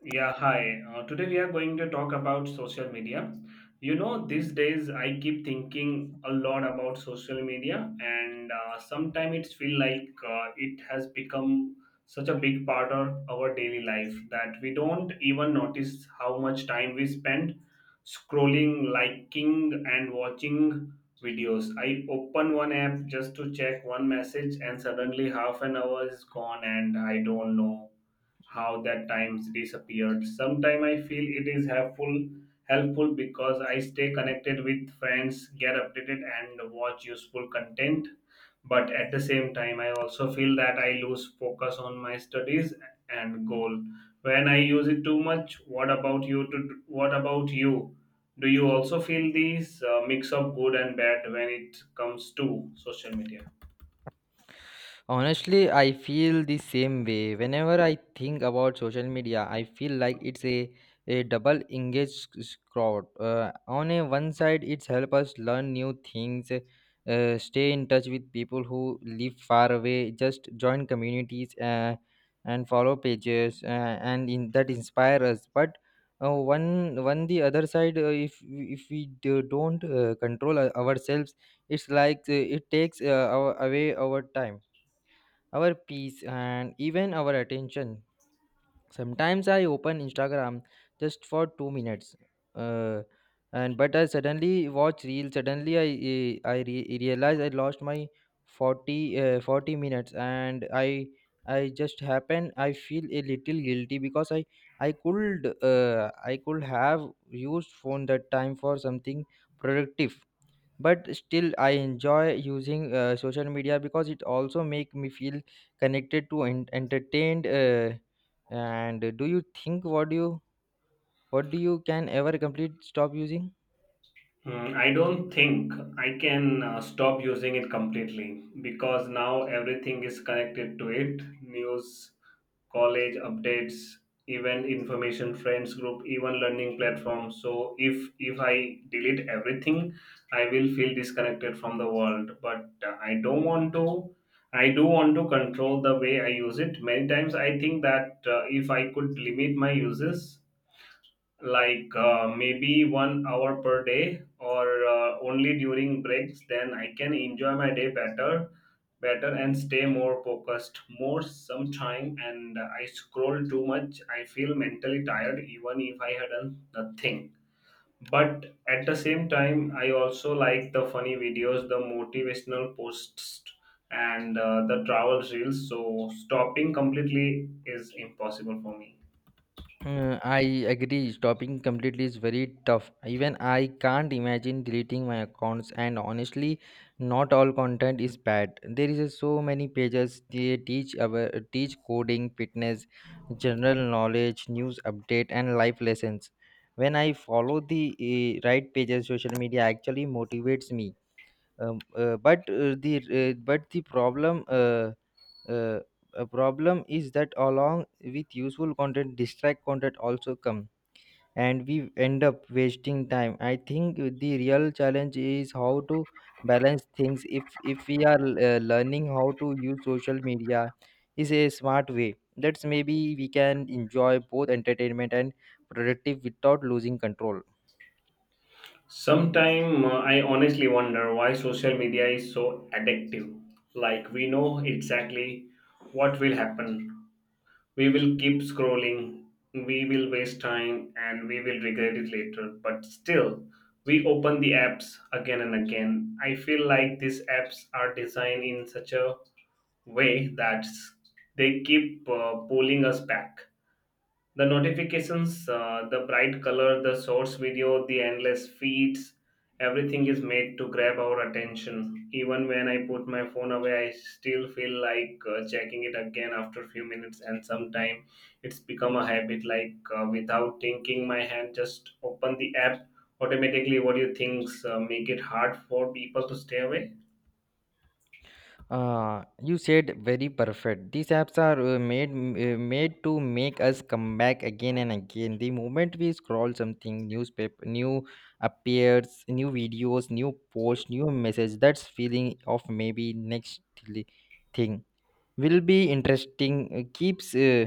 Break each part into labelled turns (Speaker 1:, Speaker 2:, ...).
Speaker 1: Yeah, hi. Today we are going to talk about social media. You know, these days I keep thinking a lot about social media, and sometimes it's feel like it has become such a big part of our daily life that we don't even notice how much time we spend scrolling, liking, and watching videos. I open one app just to check one message, and suddenly half an hour is gone, and I don't know how that times disappeared. Sometimes I feel it is helpful because I stay connected with friends, get updated and watch useful content. But at the same time I also feel that I lose focus on my studies and goal when I use it too much. What about you? Do you also feel these mix of good and bad when it comes to social media?
Speaker 2: Honestly, I feel the same way. Whenever I think about social media, I feel like it's a double engaged crowd. On a one side, it's help us learn new things, stay in touch with people who live far away, just join communities and follow pages, and that inspire us. But one the other side, if don't control ourselves, it's like it takes away our time, our peace, and even our attention. Sometimes I open Instagram just for 2 minutes, uh, and but I suddenly watch reels. Suddenly I realize I lost my 40 minutes, and I just happen I feel a little guilty because I could have used phone that time for something productive. But still, I enjoy using social media because it also make me feel connected to and entertained. And do you think? What do you, what do you can ever complete stop using?
Speaker 1: Mm, I don't think I can stop using it completely because now everything is connected to it: news, college updates, even information friends group, even learning platforms. So if I delete everything, I will feel disconnected from the world. But I don't want to. I do want to control the way I use it. Many times I think that if I could limit my uses, like maybe 1 hour per day or only during breaks, then I can enjoy my day better and stay more focused more. Sometime and I scroll too much, I feel mentally tired even if I had done nothing, but at the same time I also like the funny videos, the motivational posts, and the travel reels. So stopping completely is impossible for me.
Speaker 2: I agree. Stopping completely is very tough. Even I can't imagine deleting my accounts. And honestly, not all content is bad. There is a so many pages. They teach coding, fitness, general knowledge, news update, and life lessons. When I follow the right pages, social media actually motivates me. But the but the problem. Uh, a problem is that along with useful content, distract content also come, and we end up wasting time. I think the real challenge is how to balance things. If we are learning how to use social media, is a smart way. That's maybe we can enjoy both entertainment and productive without losing control.
Speaker 1: Sometimes I honestly wonder why social media is so addictive. Like, we know exactly what will happen. We will keep scrolling, we will waste time and we will regret it later. But still, we open the apps again and again. I feel like these apps are designed in such a way that they keep pulling us back: the notifications, the bright color, the source video, the endless feeds. Everything is made to grab our attention. Even when I put my phone away, I still feel like checking it again after a few minutes, and sometime it's become a habit, like without thinking, my hand just open the app automatically. What do you think make it hard for people to stay away?
Speaker 2: You said very perfect. These apps are made to make us come back again and again. The moment we scroll something, newspaper, new appears, new videos, new post, new message. That's feeling of maybe next li- thing will be interesting. uh, Keeps uh,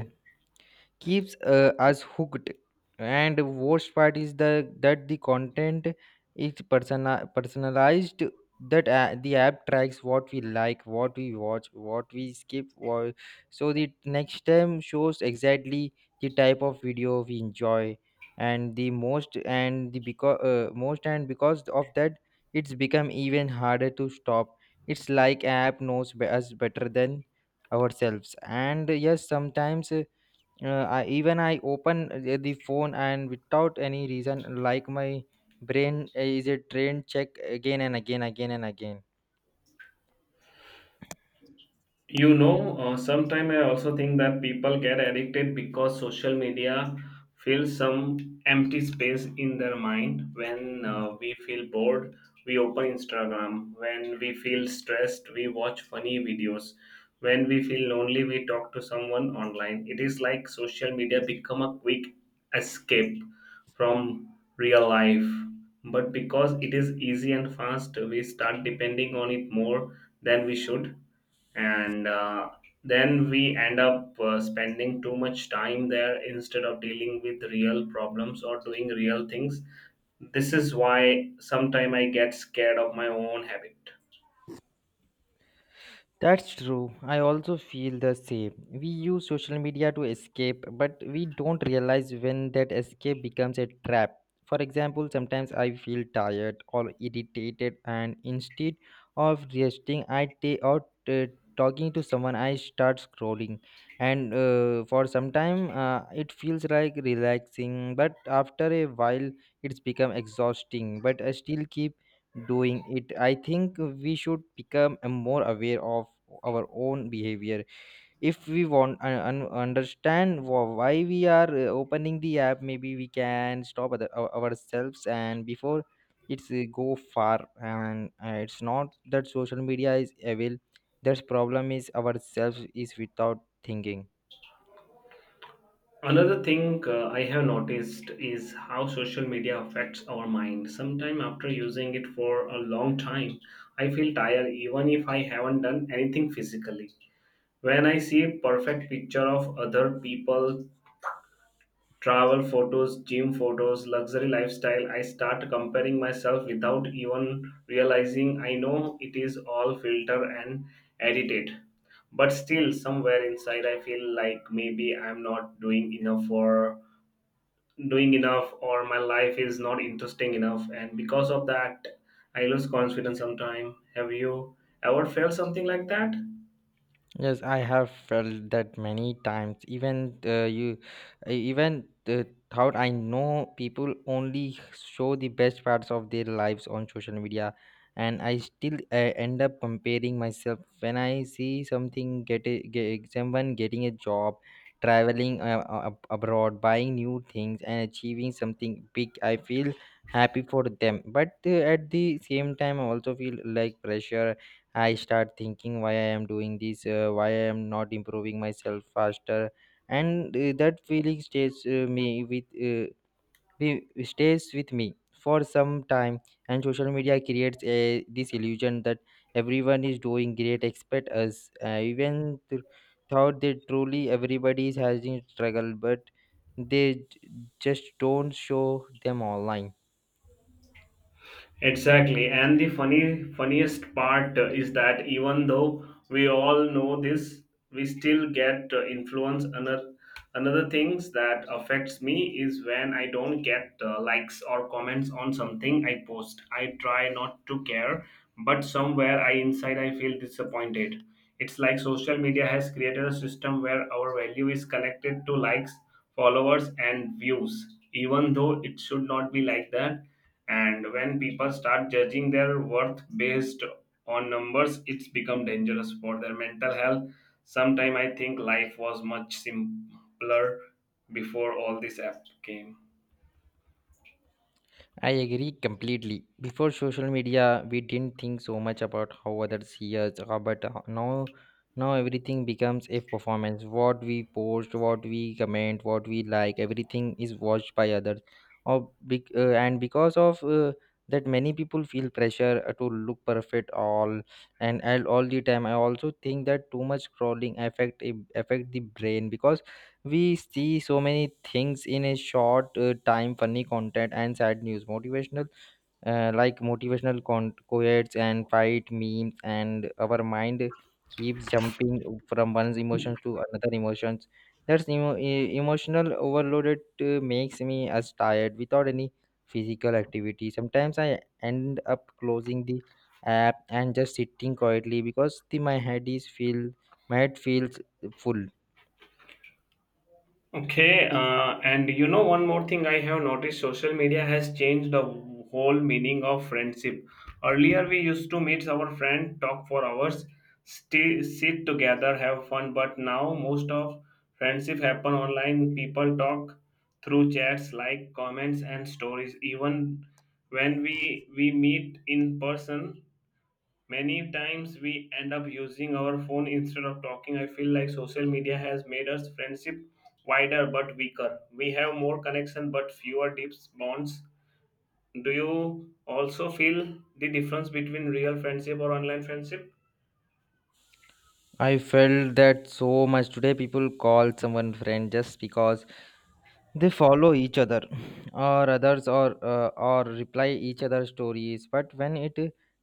Speaker 2: keeps uh, us hooked. And worst part is the that the content is personalized, that the app tracks what we like, what we watch, what we skip, what, so the next time shows exactly the type of video we enjoy and the most and the because most and because of that, it's become even harder to stop. It's like app knows us better than ourselves. And yes, sometimes even I open the phone and without any reason, like my brain is a train, check again and again, again and again.
Speaker 1: You know, sometimes I also think that people get addicted because social media fills some empty space in their mind. When we feel bored, we open Instagram. When we feel stressed, we watch funny videos. When we feel lonely, we talk to someone online. It is like social media become a quick escape from real life. But because it is easy and fast, we start depending on it more than we should, and then we end up spending too much time there instead of dealing with real problems or doing real things. This is why sometimes I get scared of my own habit.
Speaker 2: That's true. I also feel the same. We use social media to escape, but we don't realize when that escape becomes a trap. For example, sometimes I feel tired or irritated, and instead of resting, I take out, talking to someone, I start scrolling. And for some time, it feels like relaxing, but after a while, it's become exhausting. But I still keep doing it. I think we should become more aware of our own behavior. If we want and understand why we are opening the app, maybe we can stop ourselves and before it's go far. And it's not that social media is evil. That's problem is ourselves, is without thinking.
Speaker 1: Another thing I have noticed is how social media affects our mind. Sometime after using it for a long time, I feel tired even if I haven't done anything physically. When I see perfect picture of other people, travel photos, gym photos, luxury lifestyle, I start comparing myself without even realizing. I know it is all filtered and edited. But still, somewhere inside, I feel like maybe I'm not doing enough for doing enough, or my life is not interesting enough. And because of that, I lose confidence sometimes. Have you ever felt something like that?
Speaker 2: Yes, I have felt that many times. Even you, I even thought, I know people only show the best parts of their lives on social media, and I still end up comparing myself. When I see something get someone getting a job, traveling abroad, buying new things, and achieving something big, I feel happy for them, but at the same time, I also feel like pressure. I start thinking, why I am doing this, why I am not improving myself faster, and that feeling stays with me for some time. And social media creates this illusion that everyone is doing great, except us. Even thought that truly everybody is having struggle, but they just don't show them online.
Speaker 1: Exactly, and the funny funniest part is that even though we all know this, we still get influence. Another things that affects me is when I don't get likes or comments on something I post. I try not to care, but somewhere I inside I feel disappointed. It's like social media has created a system where our value is connected to likes, followers, and views, even though it should not be like that. And when people start judging their worth based on numbers, it's become dangerous for their mental health. Sometime I think life was much simpler before all this app came.
Speaker 2: I agree completely. Before social media, we didn't think so much about how others see us, but now everything becomes a performance. What we post, what we comment, what we like, everything is watched by others. And because of that, many people feel pressure to look perfect and all the time. I also think that too much scrolling affect the brain, because we see so many things in a short time: funny content and sad news, motivational, motivational quotes, and fight memes, and our mind keeps jumping from one's emotions to another emotions. That's emotional overloaded makes me as tired without any physical activity. Sometimes I end up closing the app and just sitting quietly because the my head is feel my head feels full.
Speaker 1: Okay, and you know, one more thing I have noticed: social media has changed the whole meaning of friendship. Earlier, we used to meet our friend, talk for hours, stay, sit together, have fun, but now most of friendship happen online. People talk through chats, like comments and stories. Even when we meet in person, many times we end up using our phone instead of talking. I feel like social media has made us friendship wider but weaker. We have more connection but fewer deep bonds. Do you also feel the difference between real friendship or online friendship?
Speaker 2: I felt that so much today. People call someone friend just because they follow each other, or reply each other's stories. But when it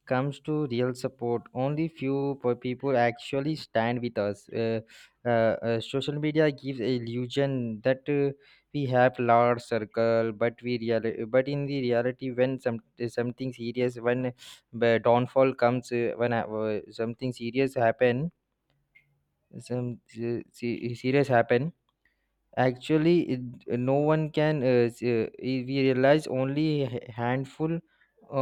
Speaker 2: comes to real support, only few people actually stand with us. Social media gives illusion that we have large circle, but in the reality, when something serious, when downfall comes, when something serious happen some se- se- serious happen, actually it, no one can s- I- we realize only a handful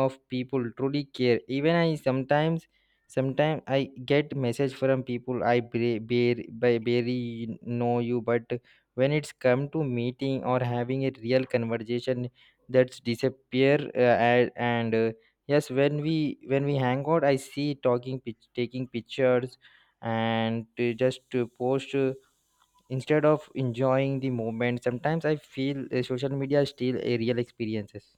Speaker 2: of people truly care. Even I sometimes, I get message from people I barely know you. But when it's come to meeting or having a real conversation, that's disappear. And Yes, when we hang out, I see taking pictures and just to post, instead of enjoying the moment. Sometimes I feel social media is still a real experiences.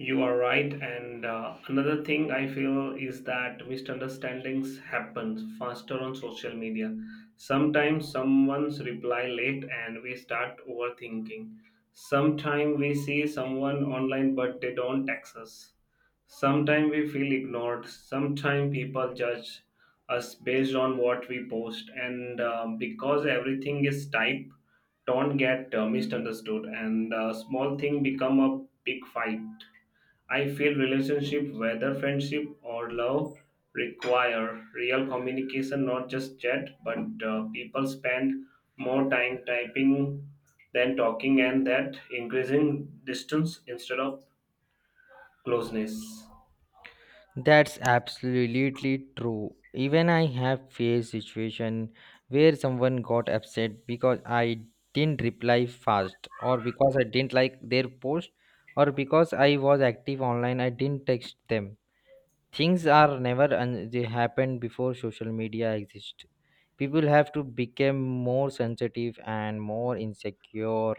Speaker 1: You are right, and another thing I feel is that misunderstandings happen faster on social media. Sometimes someone's reply late and we start overthinking. Sometimes we see someone online but they don't text us. Sometimes we feel ignored. Sometimes people judge us based on what we post, and because everything is typed, don't get misunderstood, and small thing become a big fight. I feel relationship, whether friendship or love, require real communication, not just chat. But people spend more time typing than talking, and that increasing distance instead of closeness.
Speaker 2: That's absolutely true. Even I have faced situation where someone got upset because I didn't reply fast, or because I didn't like their post, or because I was active online I didn't text them. Things are never and they happened before social media exist. People have to become more sensitive and more insecure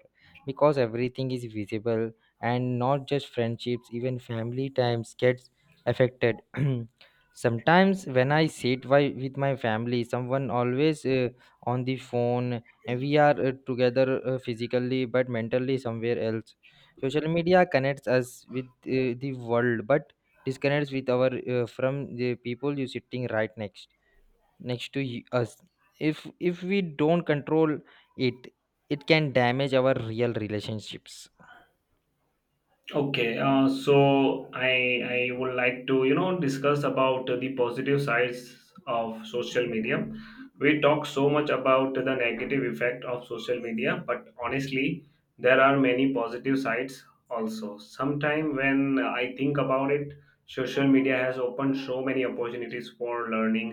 Speaker 2: because everything is visible. And not just friendships, even family times gets affected. Sometimes when I sit with my family, someone always on the phone and we are together physically but mentally somewhere else. Social media connects us with the world but disconnects with our, from the people you sitting right next to us. If we don't control it, it can damage our real relationships.
Speaker 1: Okay, so I would like to, you know, discuss about the positive sides of social media. We talk so much about the negative effect of social media, but honestly, there are many positive sides also. Sometime when I think about it, social media has opened so many opportunities for learning.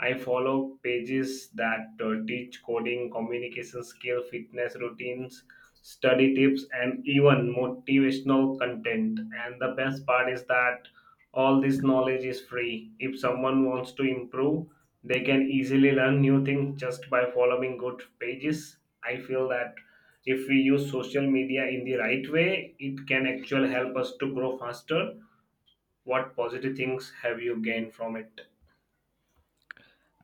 Speaker 1: I follow pages that teach coding, communication skill, fitness routines, study tips, and even motivational content. And the best part is that all this knowledge is free. If someone wants to improve, they can easily learn new things just by following good pages. I feel that if we use social media in the right way, it can actually help us to grow faster. What positive things have you gained from it?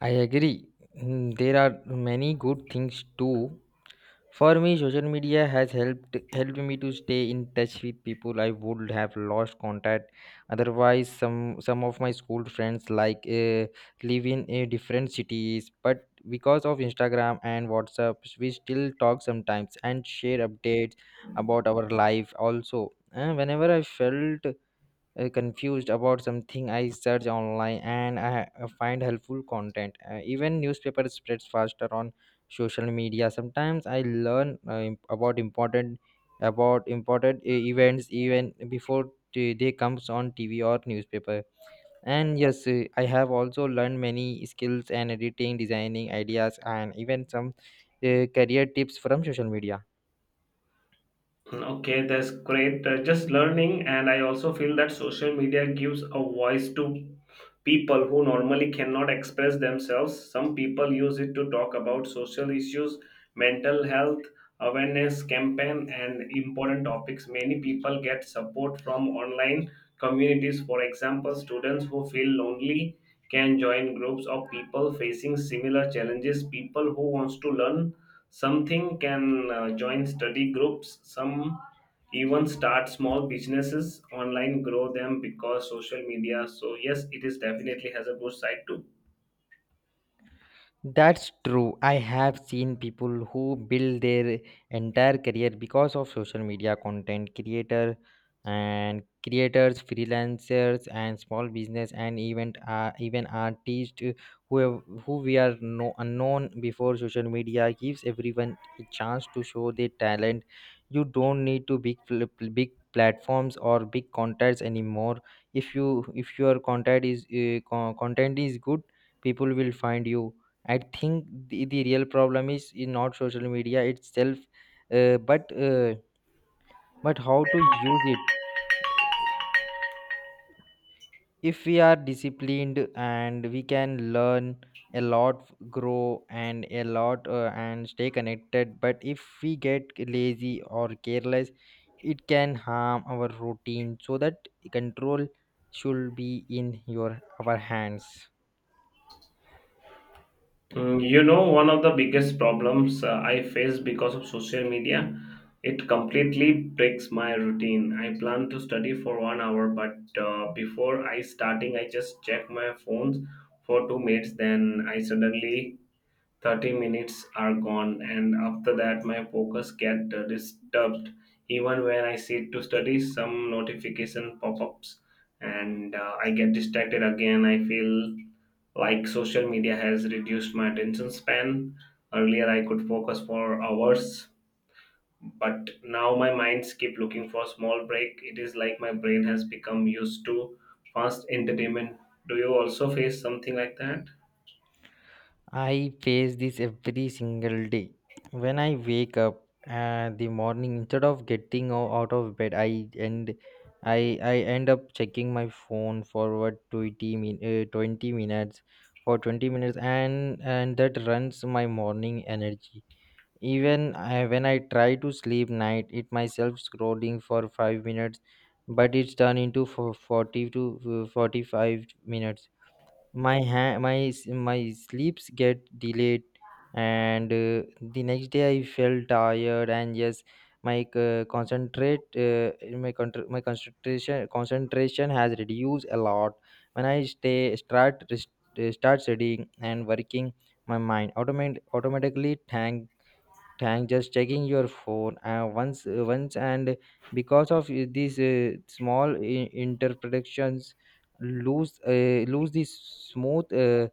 Speaker 2: I agree. Mm, there are many good things too. For me, social media has helped me to stay in touch with people I would have lost contact. Otherwise, some of my school friends like live in different cities, but because of Instagram and WhatsApp, we still talk sometimes and share updates about our life. Also, whenever I felt confused about something, I search online and I find helpful content. Even newspaper spreads faster on social media. Sometimes I learn about important events even before they comes on TV or newspaper. And yes, I have also learned many skills and editing, designing ideas, and even some career tips from social media.
Speaker 1: Okay, that's great. Just learning. And I also feel that social media gives a voice to people who normally cannot express themselves. Some people use it to talk about social issues, mental health awareness campaign, and important topics. Many people get support from online communities. For example, students who feel lonely can join groups of people facing similar challenges. People who wants to learn something can join study groups. Some even start small businesses online, grow them because social media. So yes, it is definitely has a good side too.
Speaker 2: That's true. I have seen people who build their entire career because of social media, content creator and creators, freelancers, and small business, and even artists who have, who we are no, unknown before. Social media gives everyone a chance to show their talent. You don't need to big platforms or big contacts anymore. If you if your content is good, people will find you. I think the real problem is in not social media itself, uh, but uh, but how to use it. If we are disciplined, and we can learn a lot, grow and a lot, and stay connected. But if we get lazy or careless, it can harm our routine. So that control should be in your our hands.
Speaker 1: Mm, you know, one of the biggest problems I face because of social media: it completely breaks my routine. I plan to study for 1 hour, but before I starting, I just check my phones for 2 minutes, then I suddenly 30 minutes are gone, and after that my focus get disturbed. Even when I sit to study, some notification pop-ups, and I get distracted again. I feel like social media has reduced my attention span. Earlier I could focus for hours, but now my minds keep looking for small break. It is like my brain has become used to fast entertainment. Do you also face something like that?
Speaker 2: I face this every single day. When I wake up the morning, instead of out of bed, I end up checking my phone for what 20 minutes, and that runs my morning energy. Even I, when I try to sleep night, it myself scrolling for 5 minutes, but it's turned into for 40 to 45 minutes. My ha- my s- My sleeps get delayed, and the next day I felt tired. And yes, my concentrate my concentration has reduced a lot. When I start studying and working, my mind automate automatically thank tank just checking your phone once once and because of these small interpretations, lose this smooth uh,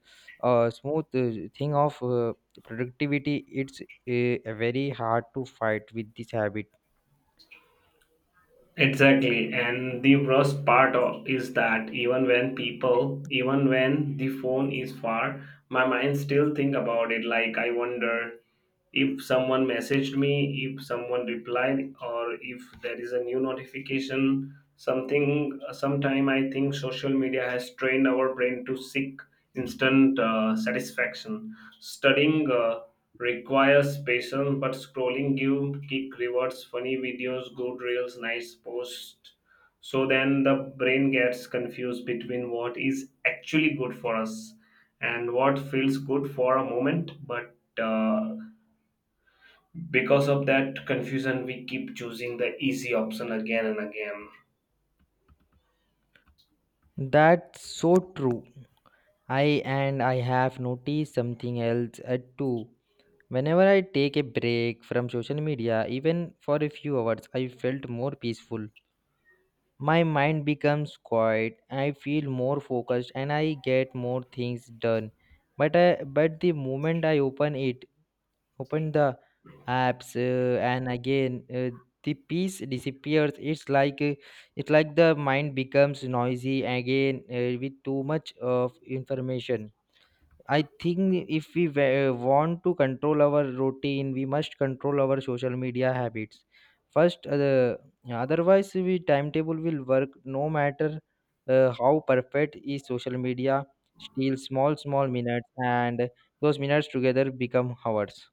Speaker 2: uh, smooth thing of productivity. It's very hard to fight with this habit.
Speaker 1: Exactly, and the worst part of, is that even when even when the phone is far, my mind still think about it. Like, I wonder if someone messaged me, if someone replied, or if there is a new notification. Something. Sometime I think social media has trained our brain to seek instant satisfaction. Studying requires patience, but scrolling give kick rewards, funny videos, good reels, nice posts. So then the brain gets confused between what is actually good for us and what feels good for a moment, but because of that confusion, we keep choosing the easy option again and again.
Speaker 2: That's so true. I and i have noticed something else too. Whenever I take a break from social media, even for a few hours, I felt more peaceful. My mind becomes quiet, I feel more focused and I get more things done. But the moment I open it, open the apps, and again the peace disappears. It's like the mind becomes noisy again with too much of information. I think if want to control our routine, we must control our social media habits. First, uh, the, Otherwise, we timetable will work no matter how perfect is social media. Steal small, small minutes, and those minutes together become hours.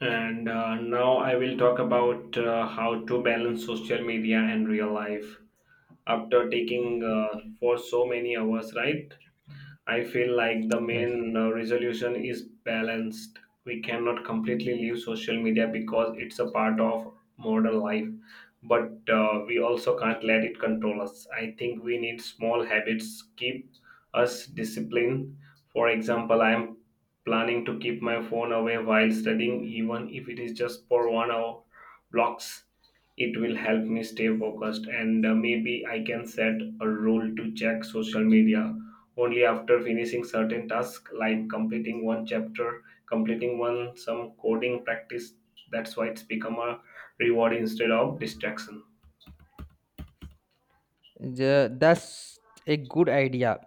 Speaker 1: And now I will talk about how to balance social media and real life after taking for so many hours, right? I feel like the
Speaker 2: Yes.
Speaker 1: main resolution is balanced. We cannot completely leave social media because it's a part of modern life, but we also can't let it control us. I think we need small habits keep us disciplined. For example, I am planning to keep my phone away while studying, even if it is just for 1 hour blocks. It will help me stay focused, and maybe I can set a rule to check social media only after finishing certain tasks, like completing one chapter, completing one some coding practice. That's why it's become a reward instead of distraction.
Speaker 2: That's a good idea.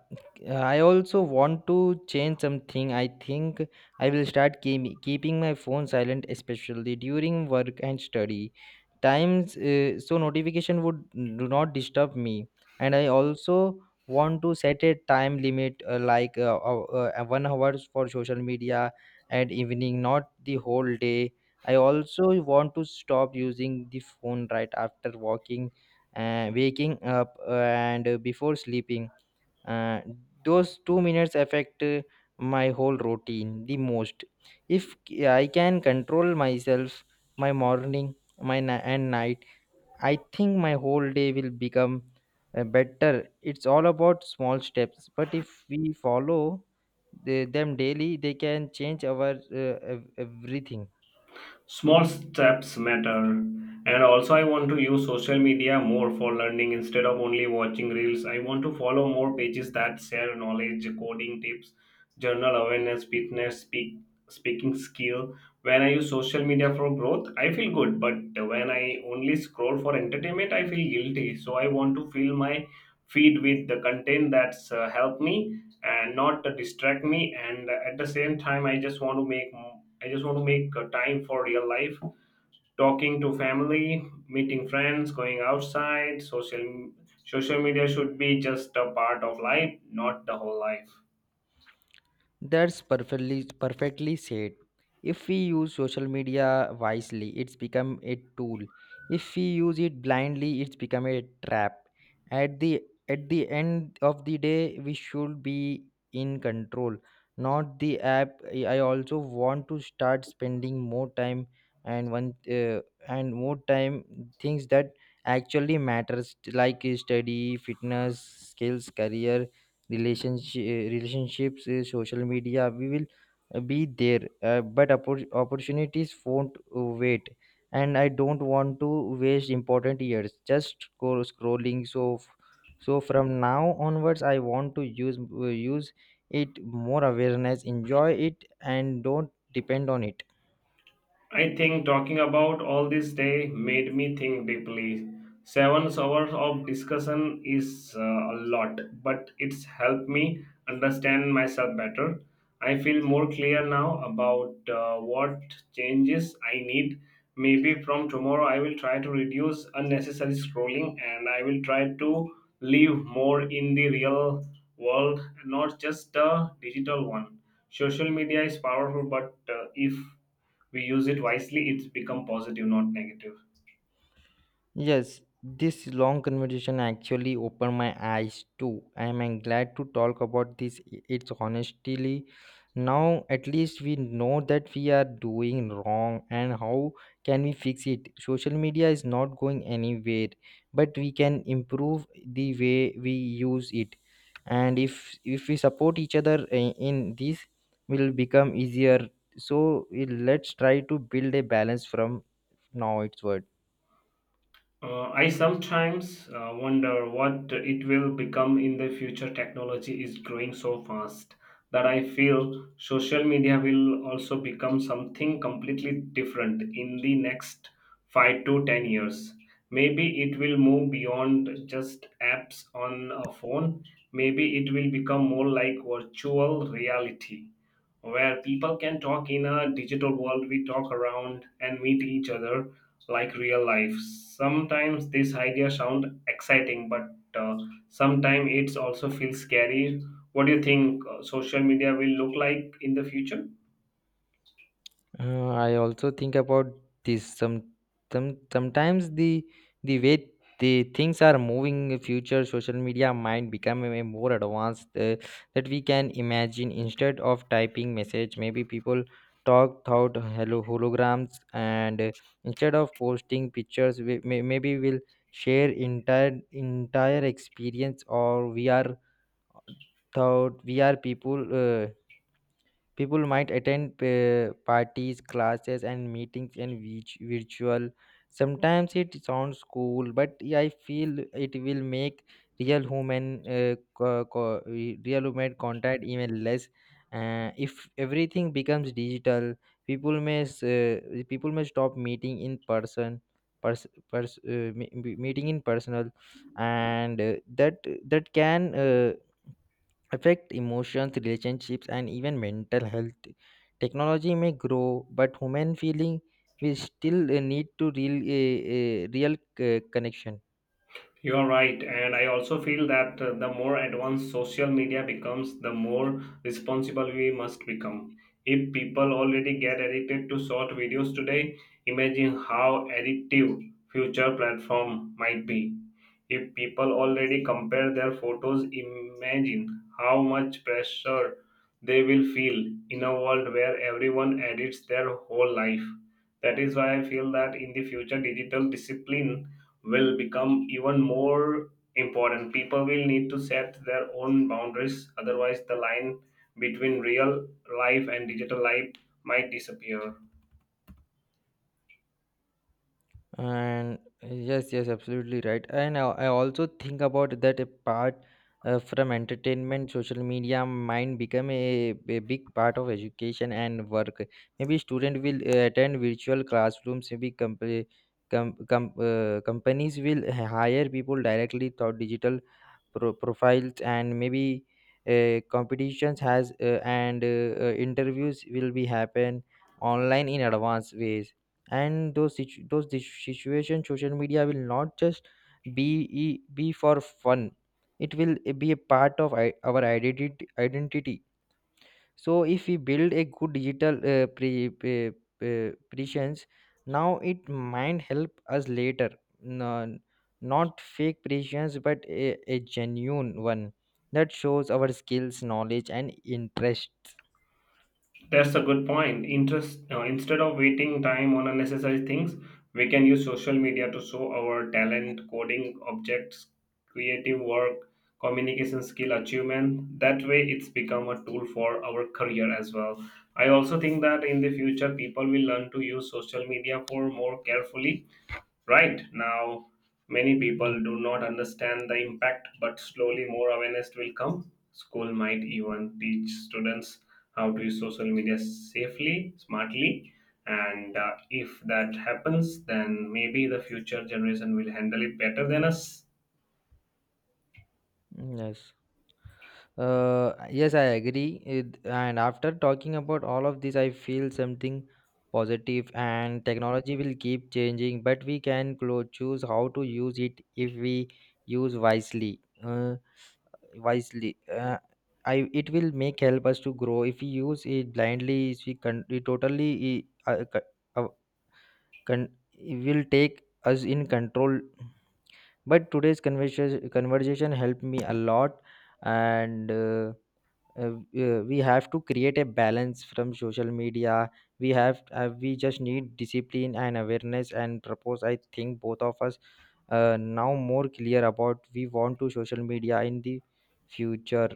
Speaker 2: I also want to change something. I think I will keeping my phone silent, especially during work and study times. So notification would do not disturb me. And I also want to set a time limit, 1 hours for social media and evening, not the whole day. I also want to stop using the phone right after walking waking up and before sleeping. uh, those 2 minutes affect my whole routine the most. If I can control myself, my morning, and night, I think my whole day will become better. It's all about small steps, but if we follow them daily, they can change our everything.
Speaker 1: Small steps matter. And also, I want to use social media more for learning instead of only watching reels. I want to follow more pages that share knowledge, coding tips, journal awareness, fitness, speaking skill. When I use social media for growth, I feel good. But when I only scroll for entertainment, I feel guilty. So I want to fill my feed with the content that's helped me and not to distract me. And at the same time, I just want to make a time for real life: talking to family, meeting friends, going outside. Social media should be just a part of life, not the whole life.
Speaker 2: That's perfectly said. If we use social media wisely, it's become a tool. If we use it blindly, it's become a trap. At the at the end of the day, we should be in control, not the app. I also want to start spending more time and one uh, and more time things that actually matters, like study, fitness, skills, career, relationships. Social media we will be there, but opportunities won't wait, and I don't want to waste important years just go scrolling. So from now onwards, I want to use it more awareness, enjoy it and don't depend on it.
Speaker 1: I think talking about all this day made me think deeply. 7 hours of discussion is a lot, but it's helped me understand myself better. I feel more clear now about what changes I need. Maybe from tomorrow, I will try to reduce unnecessary scrolling and I will try to live more in the real world, not just the digital one. Social media is powerful, but if we use it wisely, it's become positive, not negative.
Speaker 2: Yes, this long conversation actually opened my eyes too. I am glad to talk about this. It's honestly now at least we know that we are doing wrong and how can we fix it. Social media is not going anywhere, but we can improve the way we use it. And If we support each other in this, will become easier. So, let's try to build a balance from now onwards.
Speaker 1: I sometimes wonder what it will become in the future. Technology is growing so fast that I feel social media will also become something completely different in the next 5 to 10 years. Maybe it will move beyond just apps on a phone. Maybe it will become more like virtual reality where people can talk in a digital world. We talk around and meet each other like real life. Sometimes this idea sound exciting, but uh, sometimes it's also feels scary. What do you think social media will look like in the future?
Speaker 2: I also think about this some sometimes the way the things are moving in future social media might become a more advanced that we can imagine. Instead of typing message, maybe people talk thought hello holograms and instead of posting pictures, maybe we'll share entire experience or we are thought we are people. uh, People might attend parties, classes, and meetings in which virtual. Sometimes it sounds cool, but yeah, I feel it will make real human real human contact even less. If everything becomes digital, people may s- uh, people may stop meeting in person, meeting in personal, and that can. Affect emotions, relationships, and even mental health. Technology may grow, but human feeling we still need to real connection.
Speaker 1: You're right, and I also feel that the more advanced social media becomes, the more responsible we must become. If people already get addicted to short videos today, imagine how addictive future platform might be. If people already compare their photos, imagine how much pressure they will feel in a world where everyone edits their whole life. That is why I feel that in the future, digital discipline will become even more important. People will need to set their own boundaries. Otherwise, the line between real life and digital life might disappear.
Speaker 2: Yes, absolutely right. And I also think about that a part from entertainment, social media might become a big part of education and work. Maybe student will attend virtual classrooms. Maybe companies will hire people directly through digital profiles, and maybe competitions has and interviews will be happen online in advanced ways, and those situation social media will not just be be for fun. It will be a part of our identity. So if we build a good digital prescience now, it might help us later. No, not fake prescience, but a genuine one that shows our skills, knowledge, and interests.
Speaker 1: That's a good point. Interest. Instead of waiting time on unnecessary things, we can use social media to show our talent, coding, objects, creative work, communication skill, achievement. That way, it's become a tool for our career as well. I also think that in the future, people will learn to use social media for more carefully. Right now, many
Speaker 2: Mm.
Speaker 1: people do not understand the impact, but slowly more awareness will come. School might even teach students how to use social media safely, smartly, and if that happens, then maybe the future generation will handle it better than us.
Speaker 2: Yes. Yes, I agree. And after talking about all of this, I feel something positive. And technology will keep changing, but we can choose how to use it. If we use wisely, Uh, wisely, uh, I it will make help us to grow. If we use it blindly, if we totally uh, it will take us in control. But today's conversation helped me a lot, and. We have to create a balance from social media. We have, we just need discipline and awareness and propose. I think both of us now more clear about we want to social media in the future.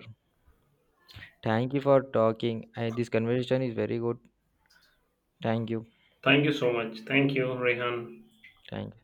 Speaker 2: Thank you for talking, and this conversation is very good. Thank you.
Speaker 1: Thank you so much. Thank you, Rehan.
Speaker 2: Thank.